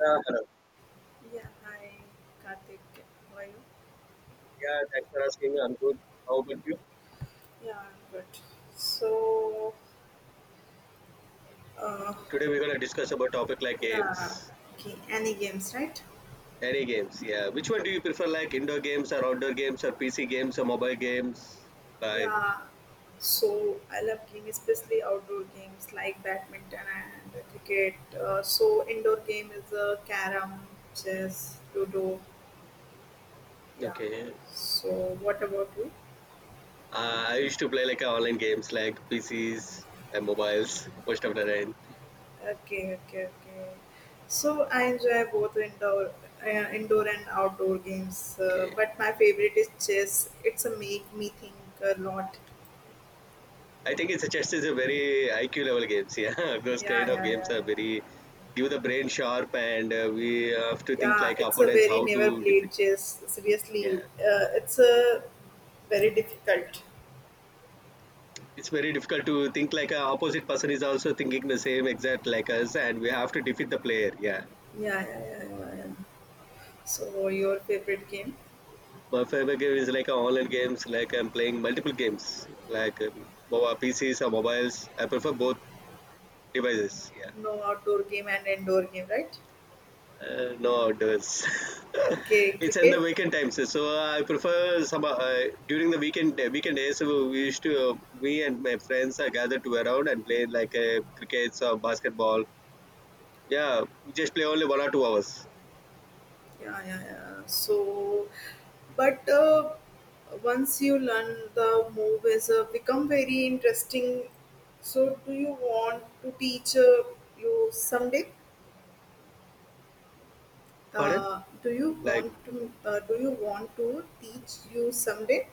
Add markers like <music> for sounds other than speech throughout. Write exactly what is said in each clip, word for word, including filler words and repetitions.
Yeah, hello. Yeah, hi, Karthik. How are you? Yeah, thanks for asking. I'm good. How about you? Yeah, I'm good. So, uh, Today we're gonna discuss about topic like yeah, games. okay, any games, right? Any games, yeah. Which one do you prefer, like indoor games or outdoor games or P C games or mobile games? Like, Yeah, so I love games, especially outdoor games like badminton and cricket. Uh, so, indoor game is uh, carom, chess, ludo. Yeah. okay. So, what about you? Uh, I used to play like uh, online games like P Cs and mobiles most of the time. Okay, okay, okay. So I enjoy both indoor, uh, indoor and outdoor games, uh, Okay. but my favorite is chess. It's a make me think a lot. I think it's a chess is a very I Q level games. Yeah, <laughs> those Yeah, kind of yeah, games yeah, are yeah. very give the brain sharp and uh, we have to think Yeah, like it's a opponents very how never to defeat. played chess. Yeah. Seriously, uh, it's a very difficult. It's very difficult to think like a opposite person is also thinking the same exact like us and we have to defeat the player, yeah. Yeah, yeah, yeah, yeah, yeah. So your favorite game? My favorite game is like a online games like I'm playing multiple games like um, mobile PCs or mobiles. I prefer both devices, yeah. No outdoor game and indoor game, right? Uh, no outdoors. Okay, <laughs> It's in the cricket. weekend times, so I prefer some, uh, during the weekend, uh, weekend days, so we used to, uh, me and my friends are gathered to around and play like uh, crickets or basketball, yeah. We just play only one or two hours. Yeah, yeah, yeah, so but uh, once you learn the move is uh, become very interesting, so do you want to teach uh, you someday Pardon. uh, do you Like, want to uh, do you want to teach you someday.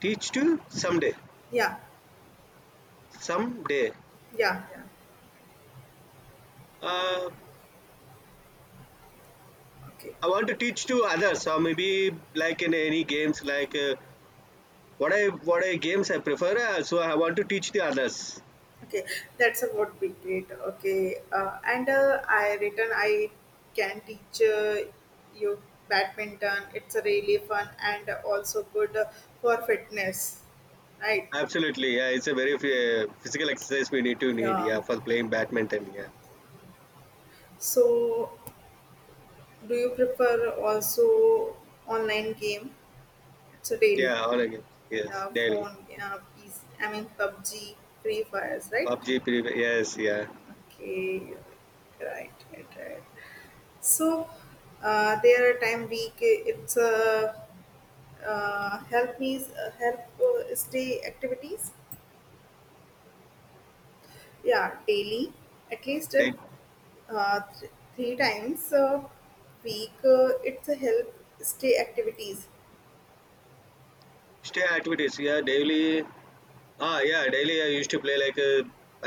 teach to someday. Yeah, Someday. yeah, yeah, Uh, okay. I want to teach to others. So maybe like in any games, like, uh, what I what I games I prefer. Uh, so I want to teach the others. Okay, that's about be great. Okay, uh, and uh, I written I can teach uh, you badminton. It's really fun and also good uh, for fitness, right? Absolutely. Yeah, it's a very uh, physical exercise we need to need. Yeah. Yeah, for playing badminton. Yeah. So, do you prefer also online game? It's a daily, Yeah, all the games. Yes, uh, daily. phone, uh, P C, I mean pub g, Free Fires, right? PUBG said as word. pre- Yes, yeah. Okay, right, right, right. So uh, there are time week. It's a uh, help me uh, help uh, stay activities, yeah daily, at least Day, uh, th- three times a week, uh, it's a help stay activities, stay activities. Yeah, daily. Ah, yeah, daily I used to play like uh,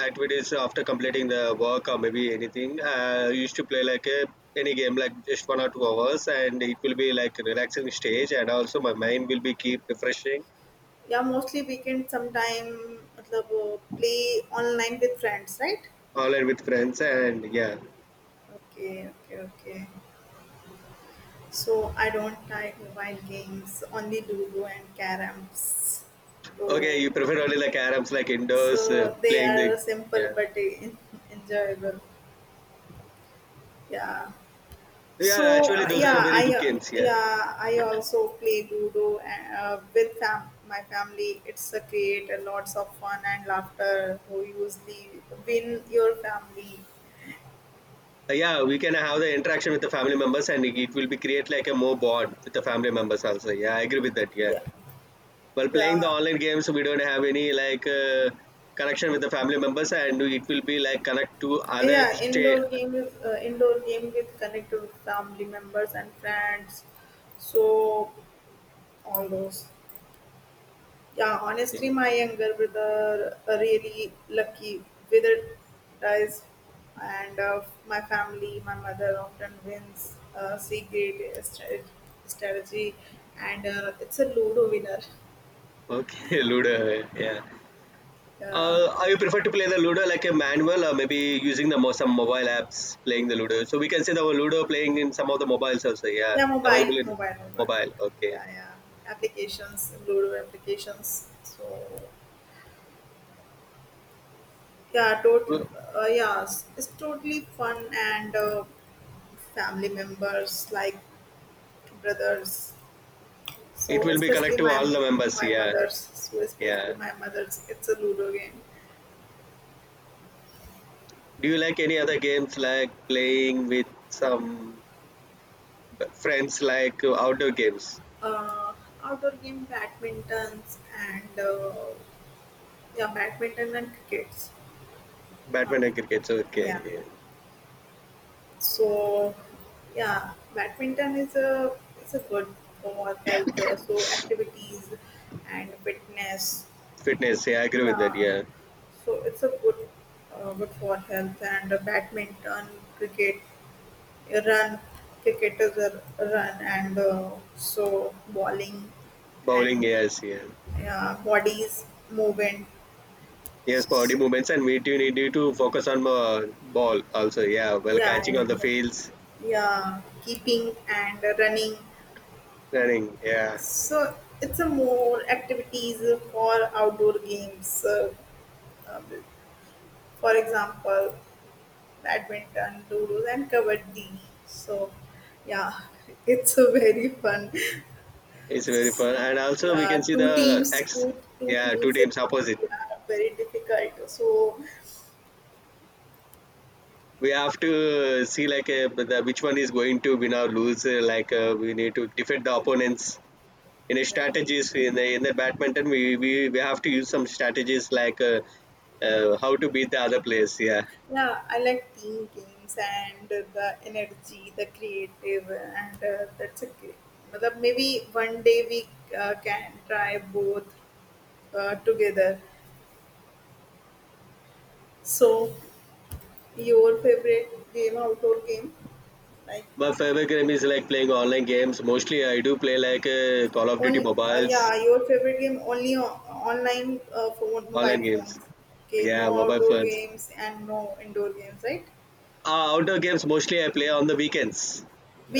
activities after completing the work or maybe anything. Uh, I used to play like uh, any game, like just one or two hours, and it will be like a relaxing stage, and also my mind will be keep refreshing. yeah mostly weekend sometime, matlab, uh, play online with friends, right? Online with friends, and yeah. Okay, okay, okay. So I don't like mobile games, only ludo and Carams. Okay, you So prefer only like Arabs, like so indoors, uh, they playing the. are simple Yeah, but <laughs> en- enjoyable. Yeah. yeah. So Actually, uh, those yeah, are very I good uh, games. Yeah. yeah, I also play Ludo uh, with fam- my family. It's a create a lots of fun and laughter. Who usually win your family? Uh, yeah. We can have the interaction with the family members, and it it will be create like a more bond with the family members also. Yeah, I agree with that. Yeah. Yeah, While playing the yeah, online games we don't have any like, uh, connection with the family members and it will be like connect to other yeah. stay. Indoor game, uh, indoor game with connect with family members and friends. So all those. Yeah, honestly, my younger brother uh, really lucky with it dies, and uh, my family, my mother often wins uh, secret stra- strategy, and uh, it's a Ludo winner. Okay. <laughs> Ludo, yeah. Uh, uh, I prefer to play the Ludo like a manual or maybe using the mo- some mobile apps playing the Ludo. So we can see the Ludo playing in some of the mobiles also. Yeah, yeah, mobile, available in mobile, mobile, mobile. mobile. Okay. Yeah, yeah, applications, Ludo applications. So yeah, tot- Well, uh, yeah, it's it's totally fun and uh, family members like brothers. it So will be connect especially to all my the members. my Yeah, mother's, so yeah. especially my mother's, it's a Ludo game. Do you like any other games like playing with some friends like outdoor games? Uh, outdoor game, badmintons and uh, yeah, badminton and crickets. Uh, Batman and cricket's, okay. yeah. Yeah. So yeah, badminton is a it's a good for health, uh, so activities and fitness. Fitness, yeah, I agree with that. Yeah. Yeah. So it's a good uh, good for health and uh, badminton, cricket. Run, cricketers are run and uh, so bowling Bowling, and yes, yeah. uh, bodies movement. Yes, body movements, and we do need you to focus on uh, ball also. Yeah, while Yeah, catching on yeah, the yeah, fields, yeah, keeping and running. running. Yeah, So it's a more activities for outdoor games, uh, uh, for example badminton doodles and kabaddi. So yeah <laughs> it's a very fun. it's very fun, and also we can yeah, see two the teams, ex. two two Yeah, two teams is teams opposite. yeah, very difficult. So We have to see like, uh, the, which one is going to win or lose. Uh, like, uh, we need to defeat the opponents. In a yeah, strategies in the in the badminton, we, we, we have to use some strategies like, uh, uh, how to beat the other players. Yeah. yeah, I like team games and the energy, the creative, and uh, that's a great. But maybe one day we uh, can try both uh, together. So, your favorite game, outdoor game, like. My favorite game is like playing online games. Mostly, I do play like uh, Call of Duty Only uh, mobiles, yeah, your favorite game only on, online uh, phone, online mobile games. phones. Okay, no Yeah, mobile outdoor phones. games and no indoor games, right? Uh, outdoor games mostly I play on the weekends,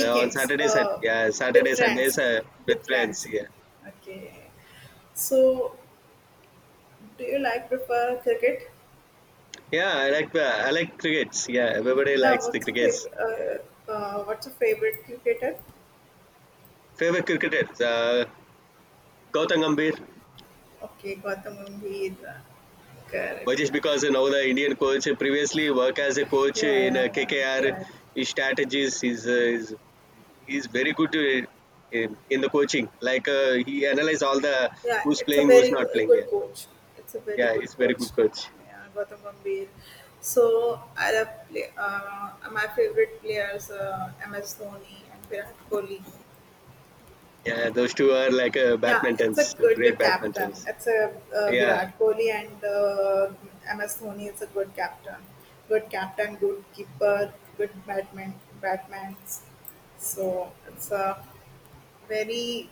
uh, on Saturdays and uh, yeah, with Saturdays and friends, days uh, with with friends. friends. Yeah, Okay. So, do you like prefer cricket? yeah. I like, uh, I like crickets. Yeah, everybody Yeah. likes the What's your crickets. favorite? Uh, uh, what's your favorite cricketer? Favorite cricketer, uh, Gautam Gambhir. Okay, Gautam Gambhir. Why Correct. just because you know the Indian coach previously work as a coach Yeah, in uh, yeah, yeah. K K R. Right. His strategies is uh, is he's very good, uh, in, in the coaching. Like, uh, he analyze all the Yeah, who's it's a playing, who's very not uh, playing. Yeah, good coach. It's a very yeah, good he's very coach. good coach. Yeah, Gautam Gambhir. So I love play, uh, my favorite players uh, M S Dhoni and Virat Kohli. Yeah, those two are like, uh, Yeah, it's a badmintons, good great captain. badmintons. It's a uh, Yeah, Virat Kohli and uh, M S Dhoni is a good captain. Good captain, good keeper, good batman, batmans. So it's a very.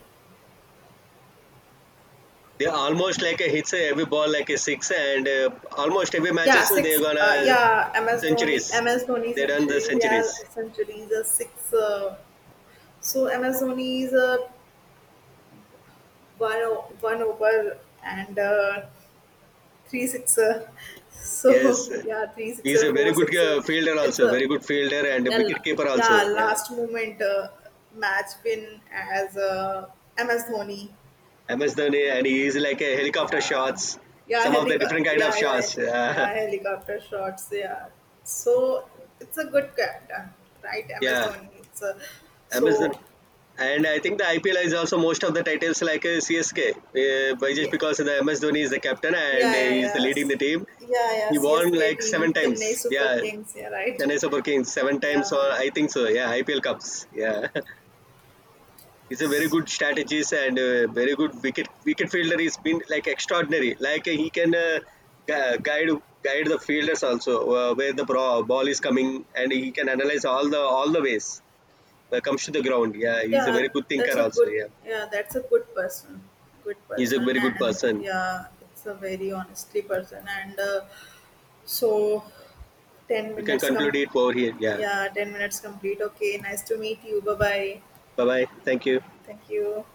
they almost like a hits, uh, every ball like a six, and uh, almost every matches, Yeah, uh, they're six. gonna Uh, yeah, MS Dhoni, centuries. MS Dhoni They done the centuries. centuries. Yeah, centuries. Uh, six. Uh, so M S Dhoni is uh, one o- one over and uh, three sixer. Yes, So <laughs> yeah, three he's sixer, a very four good, uh, sixer. fielder It's also, very a good fielder and yeah, wicket la- keeper also. yeah Yeah, last moment uh, match win as uh, M S Dhoni. M S Dhoni, and he is like a helicopter Yeah, shots, yeah, some of the helicopter. different kind of Yeah, yeah, shots. yeah, Yeah, helicopter shots. Yeah, so it's a good captain, right? <laughs> M S yeah, Dhoni. It's a M S Dhoni. so And I think the I P L is also most of the titles like, uh, C S K, uh, by just yeah, because the M S Dhoni is the captain yeah, and uh, yeah, he is the yeah. leading the C, team. yeah, yeah. He won C S K like team, seven Chennai times. Super Yeah, Kings. Yeah, right. Chennai Super Kings seven times Yeah, or I think so. Yeah, I P L cups. Yeah. <laughs> He's a very good strategist and, uh, very good wicket wicket fielder. He's been like extraordinary. Like, uh, he can, uh, gu- guide guide the fielders also, uh, where the bra- ball is coming, and he can analyze all the all the ways that comes to the ground. Yeah, he's a yeah. very good That's thinker a also. good. Yeah, Yeah, that's a good person. Good he's a person, very good and person. yeah, it's a very honestly person, and uh, so ten We can minutes conclude come. it over here. Yeah. Yeah, ten minutes complete. Okay, nice to meet you. Bye bye. Bye bye. Thank you. Thank you.